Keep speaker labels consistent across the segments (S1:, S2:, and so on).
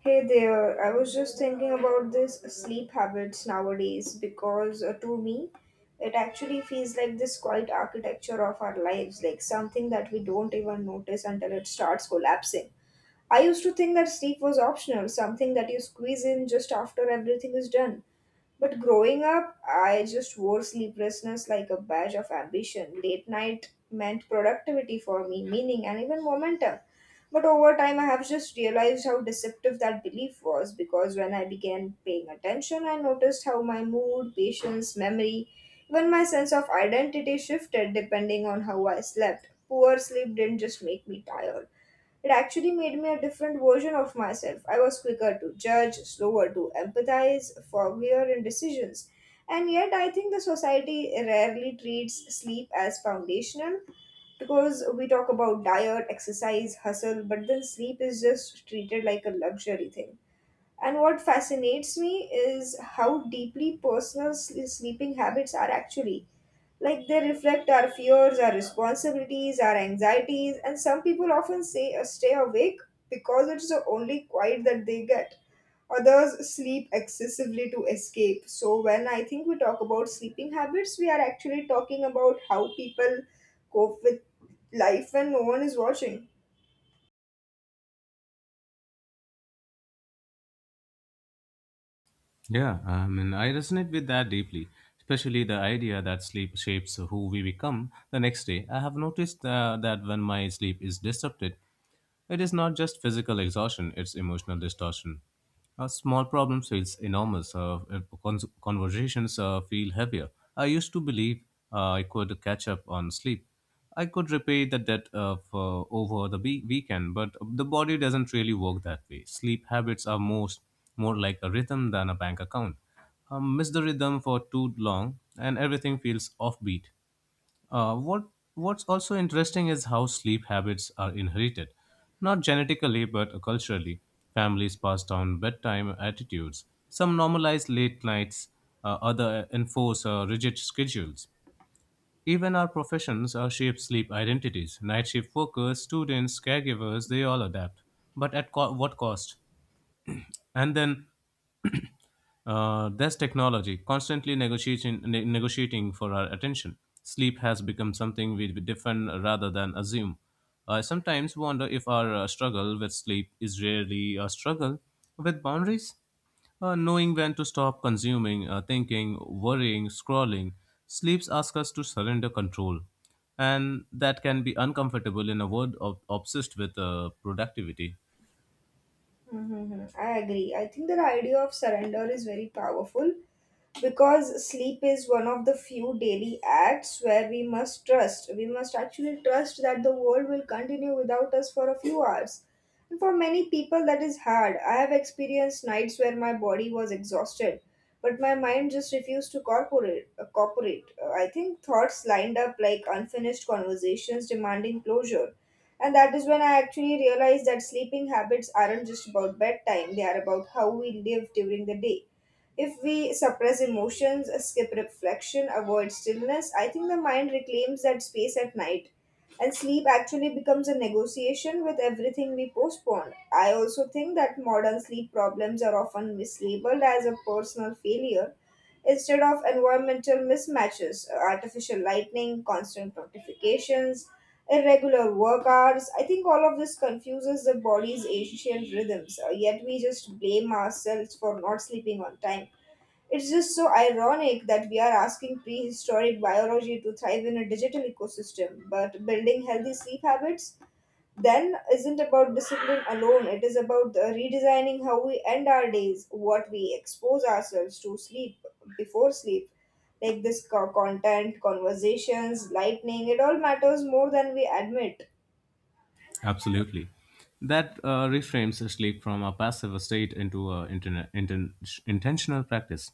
S1: Hey there, I was just thinking about this sleep habits nowadays because to me it actually feels like this quiet architecture of our lives, like something that we don't even notice until it starts collapsing. I used to think that sleep was optional, something that you squeeze in just after everything is done. But growing up, I just wore sleeplessness like a badge of ambition. Late night meant productivity for me, meaning, and even momentum. But over time, I have just realized how deceptive that belief was because when I began paying attention, I noticed how my mood, patience, memory, even my sense of identity shifted depending on how I slept. Poor sleep didn't just make me tired, it actually made me a different version of myself. I was quicker to judge, slower to empathize, foggier in decisions. And yet, I think the society rarely treats sleep as foundational because we talk about diet, exercise, hustle, but then sleep is just treated like a luxury thing. And what fascinates me is how deeply personal sleeping habits are actually. Like they reflect our fears, our responsibilities, our anxieties, and some people often say stay awake because it's the only quiet that they get. Others sleep excessively to escape. So, when I think we talk about sleeping habits, we are actually talking about how people cope with life when no one is watching.
S2: Yeah, I mean, I resonate with that deeply, especially the idea that sleep shapes who we become the next day. I have noticed that when my sleep is disrupted, it is not just physical exhaustion, it's emotional distortion. A small problem feels enormous. Conversations feel heavier. I used to believe I could catch up on sleep. I could repay the debt of over the weekend, but the body doesn't really work that way. Sleep habits are most more like a rhythm than a bank account. Miss the rhythm for too long, and everything feels offbeat. Uh, what What's also interesting is how sleep habits are inherited, not genetically but culturally. Families pass down bedtime attitudes. Some normalize late nights, other enforce rigid schedules. Even our professions are shape sleep identities. Night shift workers, students, caregivers, they all adapt. But at what cost? And then there's technology constantly negotiating for our attention. Sleep has become something we defend rather than assume. I sometimes wonder if our struggle with sleep is really a struggle with boundaries. Knowing when to stop consuming, thinking, worrying, scrolling, sleeps ask us to surrender control, and that can be uncomfortable in a world of, obsessed with productivity.
S1: Hmm, I agree. I think that the idea of surrender is very powerful because sleep is one of the few daily acts where we must trust. We must actually trust that the world will continue without us for a few hours. And for many people, that is hard. I have experienced nights where my body was exhausted, but my mind just refused to corporate. Cooperate. I think thoughts lined up like unfinished conversations demanding closure. And that is when I actually realized that sleeping habits aren't just about bedtime, they are about how we live during the day. If we suppress emotions, skip reflection, avoid stillness, I think the mind reclaims that space at night. And sleep actually becomes a negotiation with everything we postpone. I also think that modern sleep problems are often mislabeled as a personal failure instead of environmental mismatches, artificial lightning, constant notifications, irregular work hours. I think all of this confuses the body's ancient rhythms, yet we just blame ourselves for not sleeping on time. It's just so ironic that we are asking prehistoric biology to thrive in a digital ecosystem, but building healthy sleep habits then isn't about discipline alone. It is about the redesigning how we end our days, what we expose ourselves to sleep before sleep. Like this content, conversations, lightning, it all matters more than we admit.
S2: Absolutely. That reframes sleep from a passive state into an intentional practice.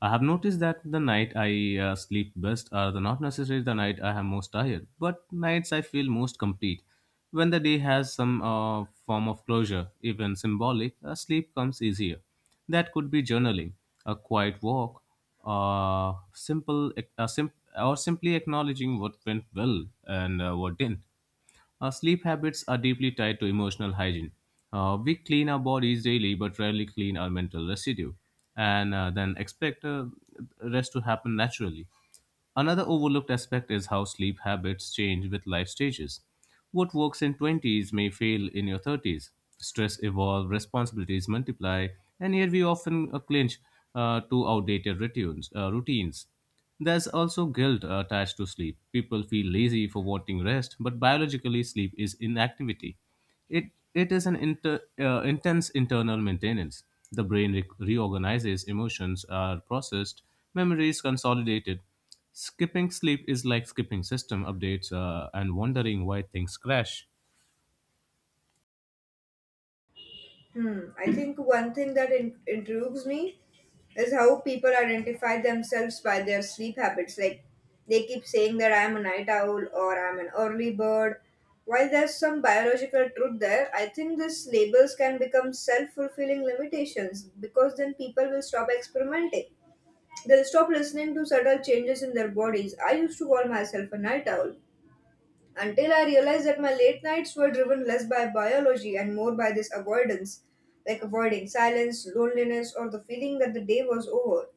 S2: I have noticed that the night I sleep best are the not necessarily the night I am most tired, but nights I feel most complete. When the day has some form of closure, even symbolic, sleep comes easier. That could be journaling, a quiet walk, uh, simple, a sim, or simply acknowledging what went well and what didn't. Sleep habits are deeply tied to emotional hygiene. We clean our bodies daily but rarely clean our mental residue and then expect rest to happen naturally. Another overlooked aspect is how sleep habits change with life stages. What works in 20s may fail in your 30s. Stress evolve, responsibilities multiply, and yet we often clinch to outdated routines. There's also guilt attached to sleep. People feel lazy for wanting rest, but biologically, sleep is inactivity. It is an intense internal maintenance. The brain reorganizes, emotions are processed, memories consolidated. Skipping sleep is like skipping system updates and wondering why things crash.
S1: Hmm. I think one thing that intrigues me is how people identify themselves by their sleep habits. Like they keep saying that I'm a night owl or I'm an early bird. While there's some biological truth there, I think these labels can become self fulfilling limitations because then people will stop experimenting. They'll stop listening to subtle changes in their bodies. I used to call myself a night owl, until I realized that my late nights were driven less by biology and more by this avoidance, like avoiding silence, loneliness, or the feeling that the day was over.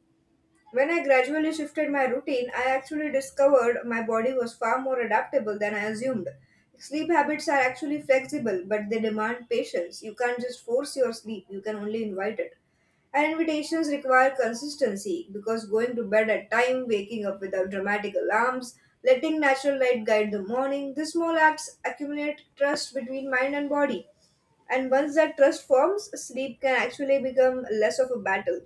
S1: When I gradually shifted my routine, I actually discovered my body was far more adaptable than I assumed. Sleep habits are actually flexible, but they demand patience. You can't just force your sleep, you can only invite it. And invitations require consistency because going to bed at time, waking up without dramatic alarms, letting natural light guide the morning, these small acts accumulate trust between mind and body. And once that trust forms, sleep can actually become less of a battle.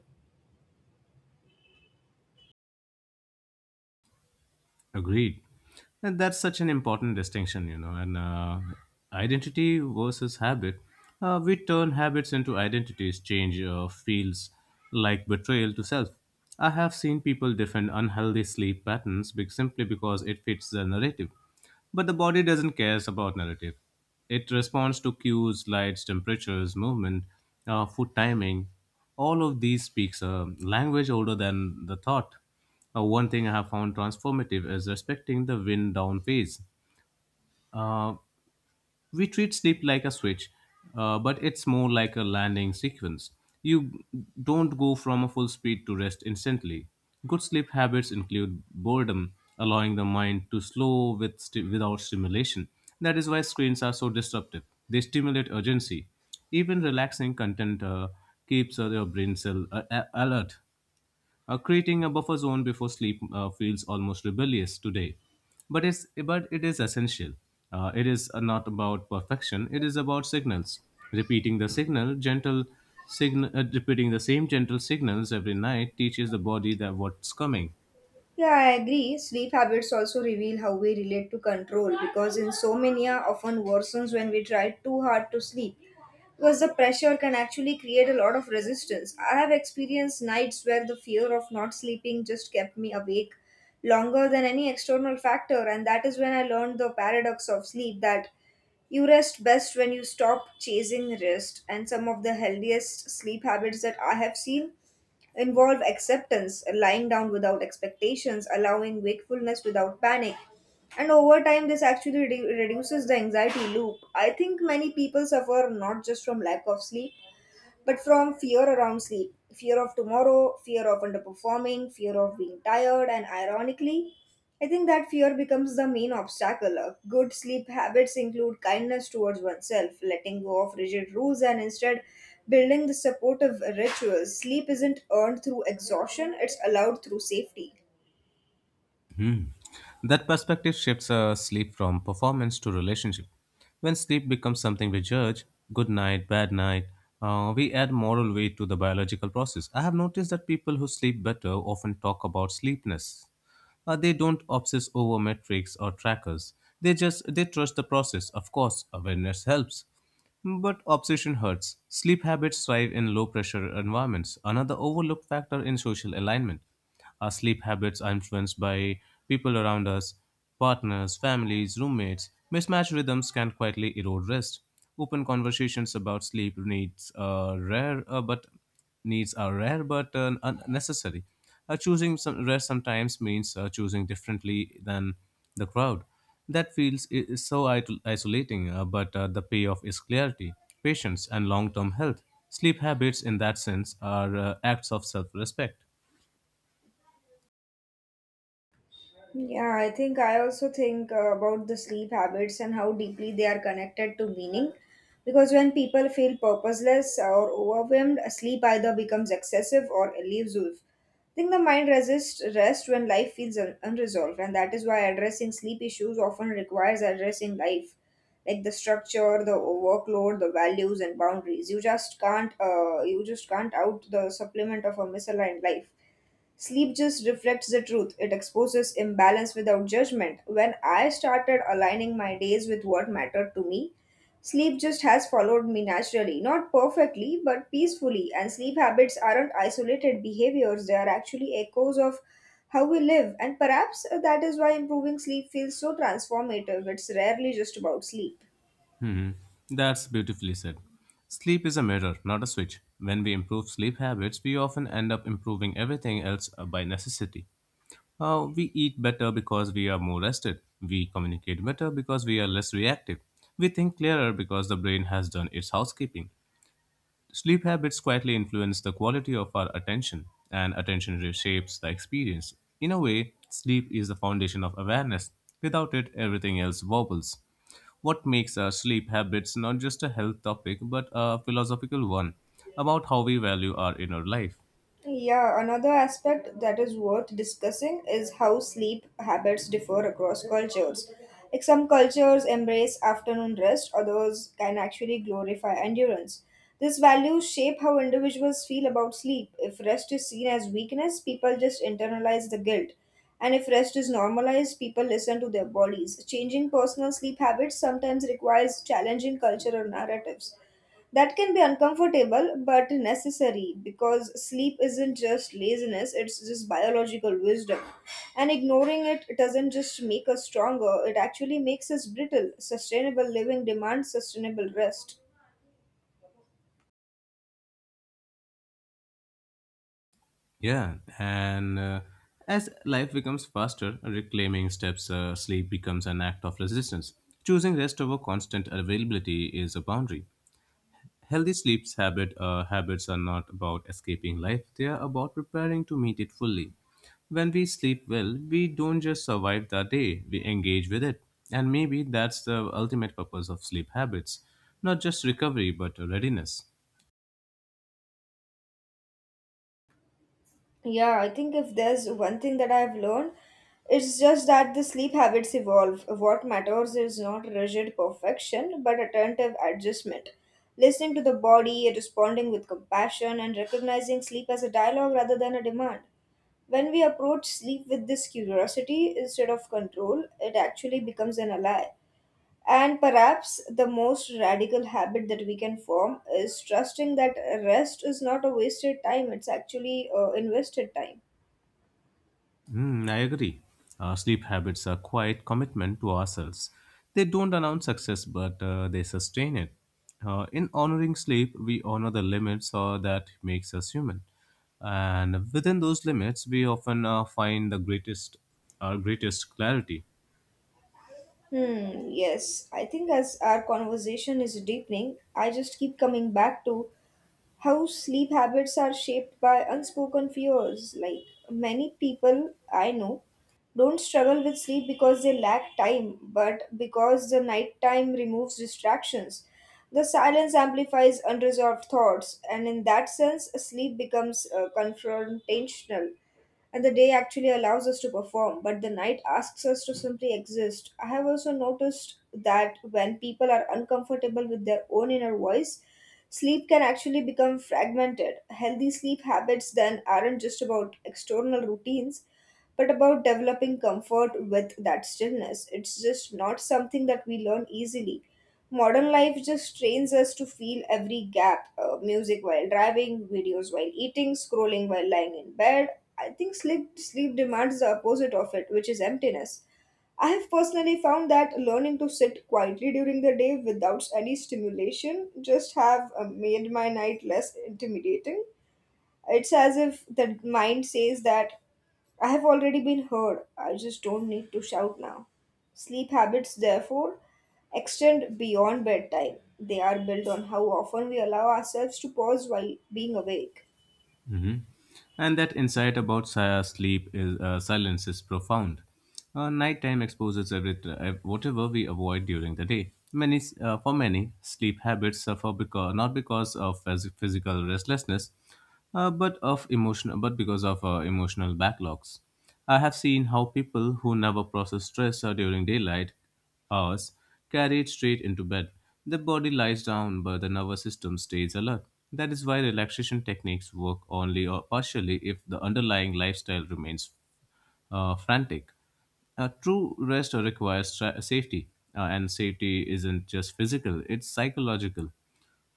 S2: Agreed. And that's such an important distinction, you know, and identity versus habit. We turn habits into identities, change feels like betrayal to self. I have seen people defend unhealthy sleep patterns simply because it fits the narrative. But the body doesn't care about narrative. It responds to cues, lights, temperatures, movement, food timing. All of these speaks a language older than the thought. One thing I have found transformative is respecting the wind down phase. Uh, we treat sleep like a switch, but it's more like a landing sequence. You don't go from a full speed to rest instantly. Good sleep habits include boredom, allowing the mind to slow with without stimulation. That is why screens are so disruptive. They stimulate urgency. Even relaxing content keeps your brain cell alert. Creating a buffer zone before sleep feels almost rebellious today, but it is essential. It is not about perfection. It is about signals. Repeating the signal, gentle Repeating the same gentle signals every night teaches the body that what's coming.
S1: Yeah, I agree. Sleep habits also reveal how we relate to control because insomnia often worsens when we try too hard to sleep. Because the pressure can actually create a lot of resistance. I have experienced nights where the fear of not sleeping just kept me awake longer than any external factor, and that is when I learned the paradox of sleep that you rest best when you stop chasing rest. And some of the healthiest sleep habits that I have seen involve acceptance, lying down without expectations, allowing wakefulness without panic. And over time, this actually reduces the anxiety loop. I think many people suffer not just from lack of sleep, but from fear around sleep, fear of tomorrow, fear of underperforming, fear of being tired, and ironically, I think that fear becomes the main obstacle. Good sleep habits include kindness towards oneself, letting go of rigid rules, and instead building the supportive rituals. Sleep isn't earned through exhaustion, it's allowed through safety.
S2: Hmm. That perspective shifts sleep from performance to relationship. When sleep becomes something we judge, good night, bad night, we add moral weight to the biological process. I have noticed that people who sleep better often talk about sleepness. They don't obsess over metrics or trackers. They just they trust the process. Of course, awareness helps, but obsession hurts. Sleep habits thrive in low pressure environments, another overlooked factor in social alignment. Our sleep habits are influenced by people around us, partners, families, roommates. Mismatched rhythms can quietly erode rest. Open conversations about sleep needs are rare but unnecessary. Choosing some rare Sometimes means choosing differently than the crowd. That feels I- is so isolating, but the payoff is clarity, patience, and long term health. Sleep habits, in that sense, are acts of self respect.
S1: Yeah, I think I also think about the sleep habits and how deeply they are connected to meaning. Because when people feel purposeless or overwhelmed, sleep either becomes excessive or elusive. I think the mind resists rest when life feels unresolved, and that is why addressing sleep issues often requires addressing life, like the structure, the workload, the values, and boundaries. You just can't out the supplement of a misaligned life. Sleep just reflects the truth. It exposes imbalance without judgment. When I started aligning my days with what mattered to me, sleep just has followed me naturally. Not perfectly, but peacefully. And sleep habits aren't isolated behaviors, they are actually echoes of how we live. And perhaps that is why improving sleep feels so transformative. It's rarely just about sleep.
S2: Hmm. That's beautifully said. Sleep is a mirror, not a switch. When we improve sleep habits, we often end up improving everything else by necessity. We eat better because we are more rested. We communicate better because we are less reactive. We think clearer because the brain has done its housekeeping. Sleep habits quietly influence the quality of our attention, and attention reshapes the experience. In a way, sleep is the foundation of awareness. Without it, everything else wobbles. What makes our sleep habits not just a health topic but a philosophical one about how we value our inner life?
S1: Yeah, another aspect that is worth discussing is how sleep habits differ across cultures. Like some cultures embrace afternoon rest, others can actually glorify endurance. These values shape how individuals feel about sleep. If rest is seen as weakness, people just internalize the guilt. And if rest is normalized, people listen to their bodies. Changing personal sleep habits sometimes requires challenging cultural narratives. That can be uncomfortable but necessary because sleep isn't just laziness, it's just biological wisdom. And ignoring it doesn't just make us stronger, it actually makes us brittle. Sustainable living demands sustainable rest.
S2: Yeah, and as life becomes faster, reclaiming steps, sleep becomes an act of resistance. Choosing rest over constant availability is a boundary. Healthy sleep's habit habits are not about escaping life; they are about preparing to meet it fully. When we sleep well, we don't just survive the day; we engage with it, and maybe that's the ultimate purpose of sleep habits—not just recovery, but readiness.
S1: Yeah, I think if there's one thing that I've learned, it's just that the sleep habits evolve. What matters is not rigid perfection, but attentive adjustment. Listening to the body, responding with compassion, and recognizing sleep as a dialogue rather than a demand. When we approach sleep with this curiosity instead of control, it actually becomes an ally. And perhaps the most radical habit that we can form is trusting that rest is not a wasted time, it's actually invested time.
S2: Hmm, I agree. Our sleep habits are quite commitment to ourselves. They don't announce success, but they sustain it. In honoring sleep, we honor the limits that makes us human, and within those limits, we often our greatest clarity.
S1: Hmm, yes, I think as our conversation is deepening, I just keep coming back to how sleep habits are shaped by unspoken fears. Like many people I know don't struggle with sleep because they lack time, but because the nighttime removes distractions. The silence amplifies unresolved thoughts, and in that sense, sleep becomes confrontational, and the day actually allows us to perform, but the night asks us to simply exist. I have also noticed that when people are uncomfortable with their own inner voice, sleep can actually become fragmented. Healthy sleep habits then aren't just about external routines, but about developing comfort with that stillness. It's just not something that we learn easily. Modern life just trains us to feel every gap, music while driving, videos while eating, scrolling while lying in bed. I think sleep demands the opposite of it, which is emptiness. I have personally found that learning to sit quietly during the day without any stimulation just have made my night less intimidating. It's as if the mind says that I have already been heard, I just don't need to shout now. Sleep habits, therefore, extend beyond bedtime. They are built on how often we allow ourselves to pause while being awake.
S2: Hmm. And that insight about sleep is silence is profound. Nighttime exposes everything, whatever we avoid during the day. For many, sleep habits suffer because not because of physical restlessness, but because of emotional backlogs. I have seen how people who never process stress during daylight hours, carried straight into bed. The body lies down, but the nervous system stays alert. That is why relaxation techniques work only or partially if the underlying lifestyle remains frantic. A true rest requires safety, and safety isn't just physical, it's psychological.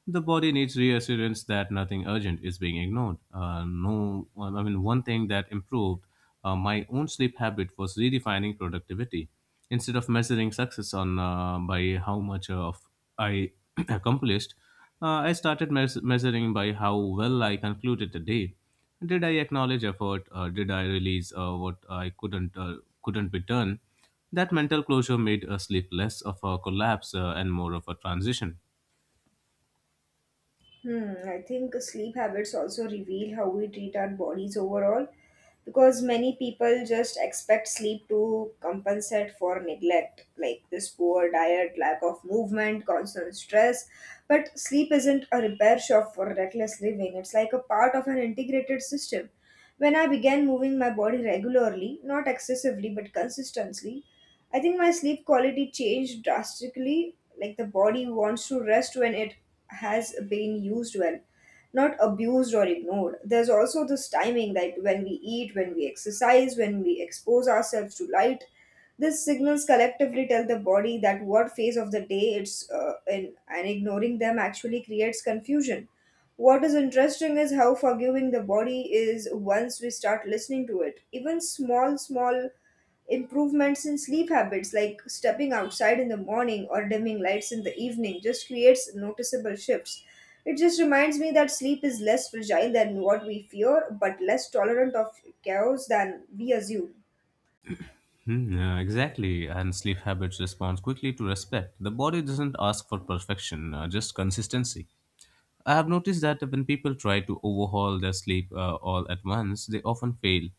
S2: The body needs reassurance that nothing urgent is being ignored. No, well, I mean, one thing that improved my own sleep habit was redefining productivity. Instead of measuring success on by how much of I accomplished, I started measuring by how well I concluded the day. Did I acknowledge effort? Did I release what I couldn't be done? That mental closure made sleep less of a collapse and more of a transition.
S1: Hmm, I think sleep habits also reveal how we treat our bodies overall. Because many people just expect sleep to compensate for neglect like this poor diet, lack of movement, constant stress, but sleep isn't a repair shop for reckless living, it's like a part of an integrated system. When I began moving my body regularly, not excessively but consistently, I think my sleep quality changed drastically. Like the body wants to rest when it has been used well, not abused or ignored. There's also this timing that when we eat, when we exercise, when we expose ourselves to light, these signals collectively tell the body that what phase of the day it's in, and ignoring them actually creates confusion. What is interesting is how forgiving the body is once we start listening to it. Even small improvements in sleep habits like stepping outside in the morning or dimming lights in the evening just creates noticeable shifts. It just reminds me that sleep is less fragile than what we fear, but less tolerant of chaos than we assume.
S2: Hmm, yeah, exactly, and sleep habits respond quickly to respect. The body doesn't ask for perfection, just consistency. I have noticed that when people try to overhaul their sleep all at once, they often fail.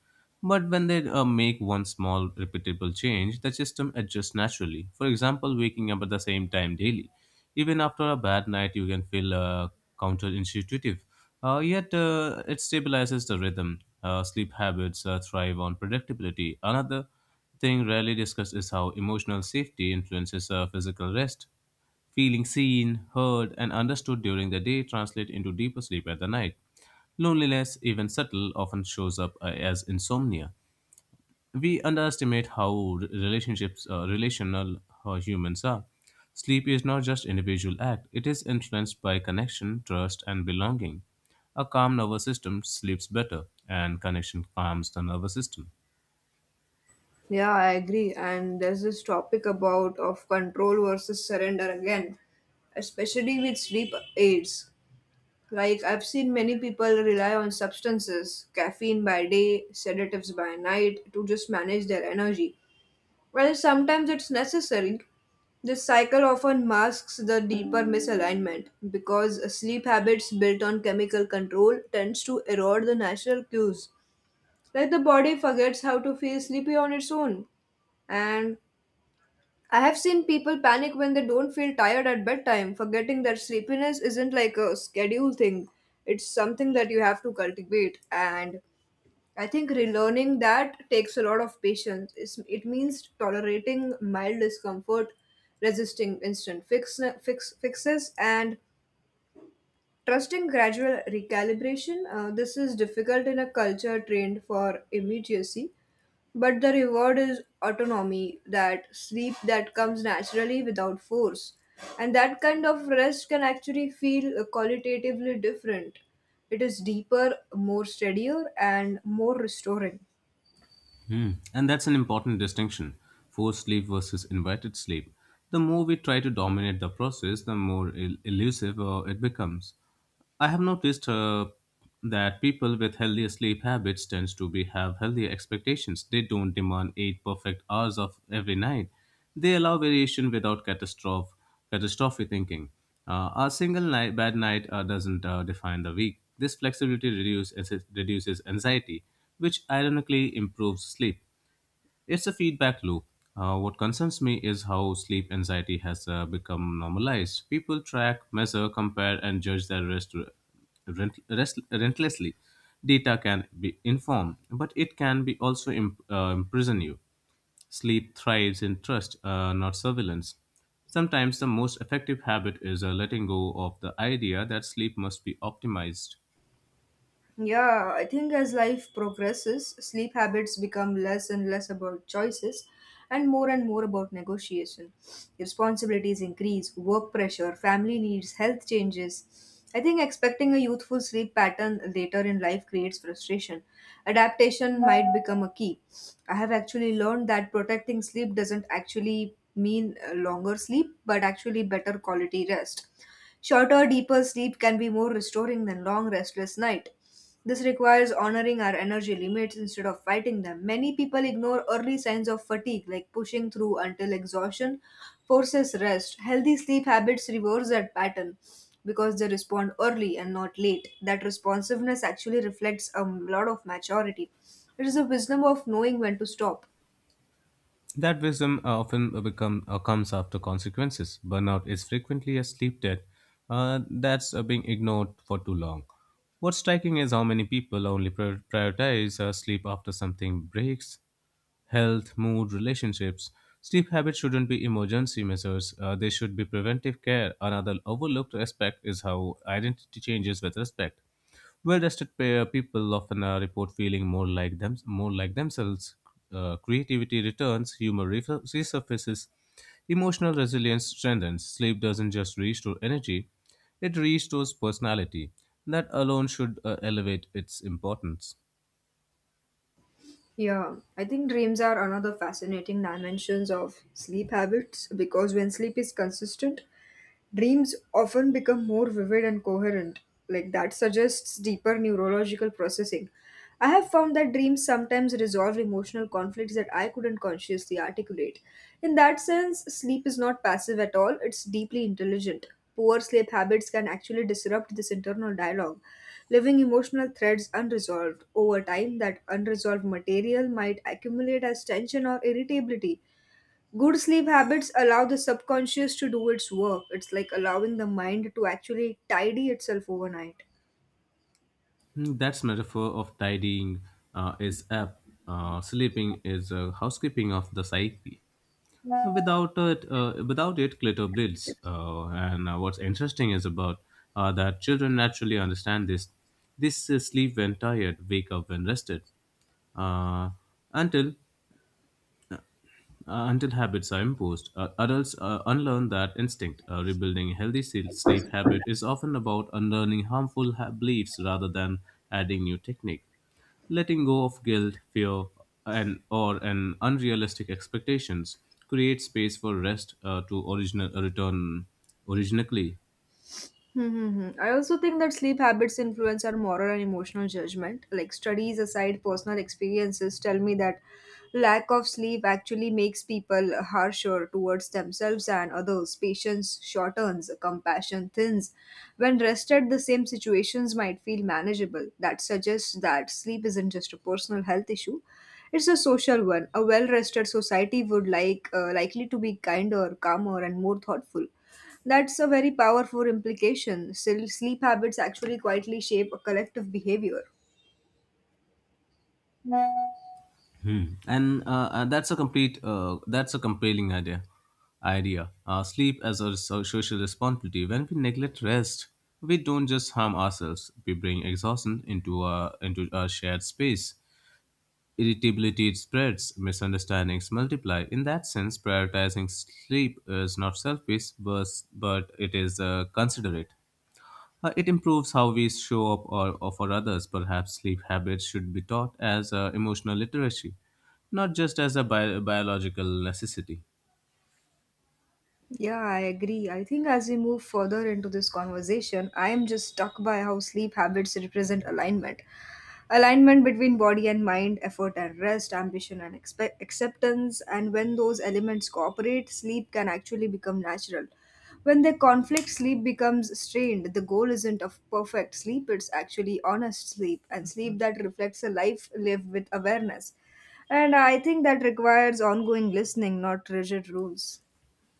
S2: But when they make one small repeatable change, the system adjusts naturally. For example, waking up at the same time daily. Even after a bad night, you can feel counterintuitive. Yet it stabilizes the rhythm. Sleep habits thrive on predictability. Another thing rarely discussed is how emotional safety influences physical rest. Feeling seen, heard, and understood during the day translate into deeper sleep at the night. Loneliness, even subtle, often shows up as insomnia. We underestimate how relational humans are. Sleep is not just individual act; it is influenced by connection, trust, and belonging. A calm nervous system sleeps better, and connection calms the nervous system.
S1: Yeah, I agree. And there's this topic about of control versus surrender again, especially with sleep aids. Like, I've seen many people rely on substances, caffeine by day, sedatives by night, to just manage their energy. While sometimes it's necessary, this cycle often masks the deeper misalignment because sleep habits built on chemical control tends to erode the natural cues. Like, the body forgets how to feel sleepy on its own. And I have seen people panic when they don't feel tired at bedtime, forgetting that sleepiness isn't like a schedule thing. It's something that you have to cultivate, and I think relearning that takes a lot of patience. It's, it means tolerating mild discomfort, resisting instant fixes, and trusting gradual recalibration. This is difficult in a culture trained for immediacy, but the reward is autonomy, that sleep that comes naturally without force. And that kind of rest can actually feel qualitatively different. It is deeper, more steadier, and more restoring.
S2: Hmm. And that's an important distinction, forced sleep versus invited sleep. The more we try to dominate the process, the more elusive it becomes. I have noticed that people with healthier sleep habits tends to be have healthier expectations. They don't demand eight perfect hours of every night. They allow variation without catastrophe thinking. A single night, bad night doesn't define the week. This flexibility reduces anxiety, which ironically improves sleep. It's a feedback loop. What concerns me is how sleep anxiety has become normalized. People track, measure, compare, and judge their rest relentlessly. Data can be informed, but it can be also imprison you. Sleep thrives in trust, not surveillance. Sometimes the most effective habit is letting go of the idea that sleep must be optimized.
S1: Yeah, I think as life progresses, sleep habits become less and less about choices and more about negotiation. Responsibilities increase, work pressure, family needs, health changes. I think expecting a youthful sleep pattern later in life creates frustration. Adaptation might become a key. I have actually learned that protecting sleep doesn't actually mean longer sleep, but actually better quality rest. Shorter, deeper sleep can be more restoring than long, restless night. This requires honoring our energy limits instead of fighting them. Many people ignore early signs of fatigue, like pushing through until exhaustion forces rest. Healthy sleep habits reverse that pattern because they respond early and not late. That responsiveness actually reflects a lot of maturity. It is a wisdom of knowing when to stop.
S2: That wisdom often comes after consequences. Burnout is frequently a sleep debt that's being ignored for too long. What's striking is how many people only prioritize sleep after something breaks health, mood, relationships. Sleep habits shouldn't be emergency measures, they should be preventive care. Another overlooked aspect is how identity changes with respect. Well-rested people often report feeling more like them, more like themselves. Creativity returns, humor resurfaces, emotional resilience strengthens. Sleep doesn't just restore energy; it restores personality. That alone should elevate its importance.
S1: Yeah, I think dreams are another fascinating dimensions of sleep habits because when sleep is consistent, dreams often become more vivid and coherent, like that suggests deeper neurological processing. I have found that dreams sometimes resolve emotional conflicts that I couldn't consciously articulate. In that sense, sleep is not passive at all, it's deeply intelligent. Poor sleep habits can actually disrupt this internal dialogue, leaving emotional threads unresolved. Over time, that unresolved material might accumulate as tension or irritability. Good sleep habits allow the subconscious to do its work. It's like allowing the mind to actually tidy itself overnight.
S2: Mm, that's metaphor of tidying is apt. Sleeping is housekeeping of the psyche. Without it, glitter bleeds, and what's interesting is about that children naturally understand this sleep when tired, wake up when rested, uh, until until habits are imposed. Adults unlearn that instinct. Rebuilding a healthy sleep habit is often about unlearning harmful beliefs rather than adding new technique. Letting go of guilt, fear, and or an unrealistic expectations creates space for rest to original return originally.
S1: Mm-hmm. I also think that sleep habits influence our moral and emotional judgment. Like, studies aside, personal experiences tell me that lack of sleep actually makes people harsher towards themselves and others. Patience shortens, compassion thins. When rested, the same situations might feel manageable. That suggests that sleep isn't just a personal health issue; it's a social one. A well-rested society would likely to be kinder, calmer, and more thoughtful. That's a very powerful implication. Still, sleep habits actually quietly shape a collective behavior.
S2: Hmm. And that's a compelling idea. Idea. Sleep as a social responsibility. When we neglect rest, we don't just harm ourselves. We bring exhaustion into our shared space. Irritability spreads. Misunderstandings multiply. In that sense, prioritizing sleep is not selfish, but it is considerate. It improves how we show up or for others. Perhaps sleep habits should be taught as emotional literacy, not just as a biological necessity.
S1: Yeah, I agree. I think as we move further into this conversation, I am just struck by how sleep habits represent alignment. Alignment between body and mind, effort and rest, ambition and acceptance. And when those elements cooperate, sleep can actually become natural. When they conflict, sleep becomes strained. The goal isn't of perfect sleep, it's actually honest sleep and sleep that reflects a life lived with awareness. And I think that requires ongoing listening, not rigid rules.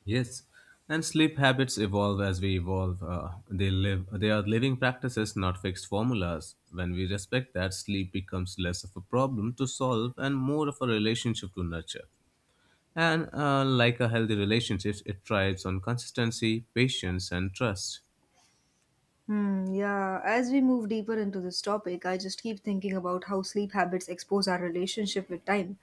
S2: Yes, and sleep habits evolve as we evolve. They live. They are living practices, not fixed formulas. When we respect that, sleep becomes less of a problem to solve and more of a relationship to nurture. And like a healthy relationship, it thrives on consistency, patience, and trust.
S1: Hmm, yeah, as we move deeper into this topic, I just keep thinking about how sleep habits expose our relationship with time.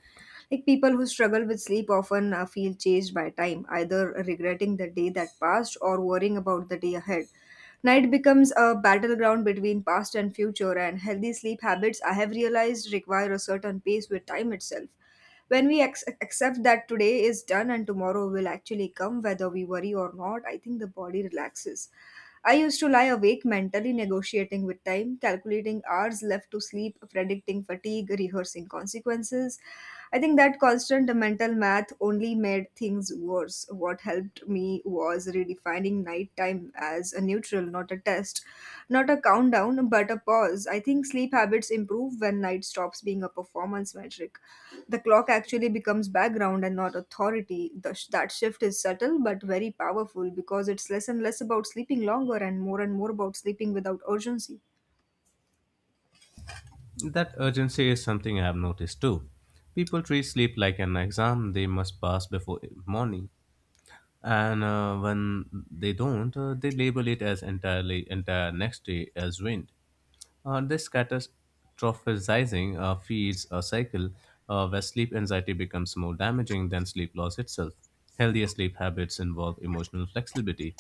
S1: Like, people who struggle with sleep often feel chased by time, either regretting the day that passed or worrying about the day ahead. Night becomes a battleground between past and future, and healthy sleep habits, I have realized, require a certain pace with time itself. When we accept that today is done and tomorrow will actually come, whether we worry or not, I think the body relaxes. I used to lie awake mentally negotiating with time, calculating hours left to sleep, predicting fatigue, rehearsing consequences. I think that constant mental math only made things worse. What helped me was redefining nighttime as a neutral, not a test, not a countdown, but a pause. I think sleep habits improve when night stops being a performance metric. The clock actually becomes background and not authority. That shift is subtle but very powerful because it's less and less about sleeping longer and more about sleeping without urgency.
S2: That urgency is something I have noticed too. People treat sleep like an exam they must pass before morning, and when they don't, they label it as entire next day as wind. This catastrophizing feeds a cycle where sleep anxiety becomes more damaging than sleep loss itself. Healthier sleep habits involve emotional flexibility.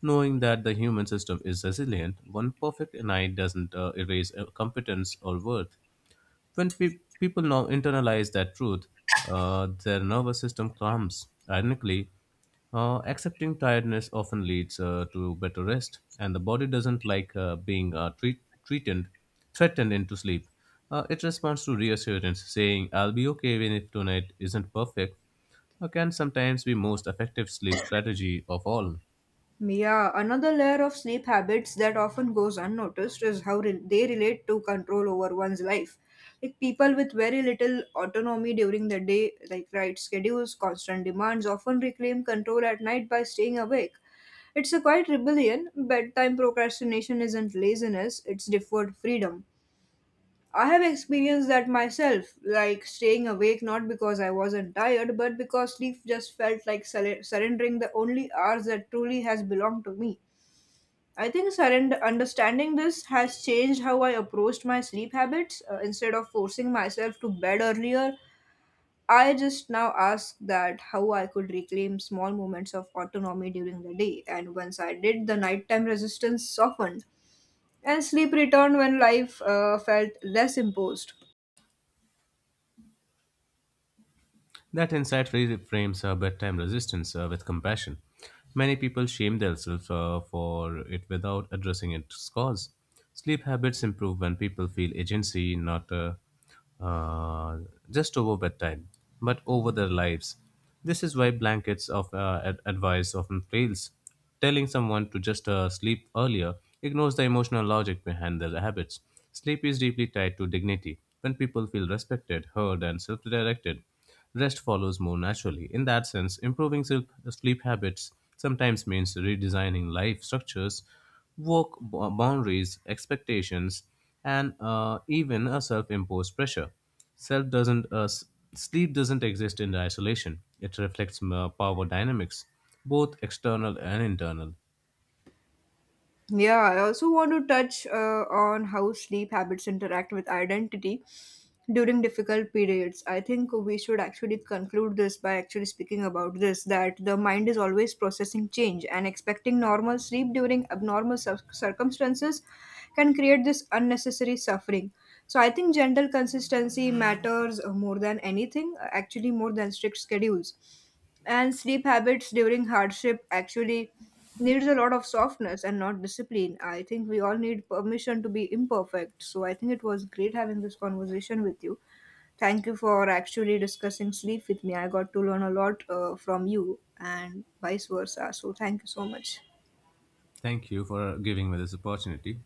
S2: Knowing that the human system is resilient, one perfect night doesn't erase competence or worth. When people now internalize that truth, their nervous system calms. Ironically, accepting tiredness often leads to better rest, and the body doesn't like being treated, threatened into sleep. It responds to reassurance, saying, I'll be okay even if tonight isn't perfect, can sometimes be most effective sleep strategy of all.
S1: Yeah, another layer of sleep habits that often goes unnoticed is how they relate to control over one's life. Like, people with very little autonomy during the day, like right schedules, constant demands, often reclaim control at night by staying awake. It's a quiet rebellion. Bedtime procrastination isn't laziness, it's deferred freedom. I have experienced that myself, like staying awake not because I wasn't tired, but because sleep just felt like surrendering the only hours that truly has belonged to me. I think surrender understanding this has changed how I approached my sleep habits. Instead of forcing myself to bed earlier, I just now ask that how I could reclaim small moments of autonomy during the day. And once I did, the nighttime resistance softened, and sleep returned when life felt less imposed.
S2: That insight reframes bedtime resistance with compassion. Many people shame themselves for it without addressing its cause. Sleep habits improve when people feel agency, not uh, just over bedtime, but over their lives. This is why blankets of advice often fails. Telling someone to just sleep earlier ignores the emotional logic behind their habits. Sleep is deeply tied to dignity. When people feel respected, heard, and self directed, rest follows more naturally. In that sense, improving sleep habits sometimes means redesigning life structures, work boundaries, expectations, and even a self imposed pressure. Self doesn't, s- Sleep doesn't exist in isolation, it reflects power dynamics, both external and internal.
S1: Yeah, I also want to touch on how sleep habits interact with identity during difficult periods. I think we should actually conclude this by actually speaking about this that the mind is always processing change, and expecting normal sleep during abnormal circumstances can create this unnecessary suffering. So, I think general consistency matters more than anything, actually, more than strict schedules, and sleep habits during hardship actually needs a lot of softness and not discipline. I think we all need permission to be imperfect. So I think it was great having this conversation with you. Thank you for actually discussing sleep with me. I got to learn a lot from you and vice versa. So thank you so much.
S2: Thank you for giving me this opportunity.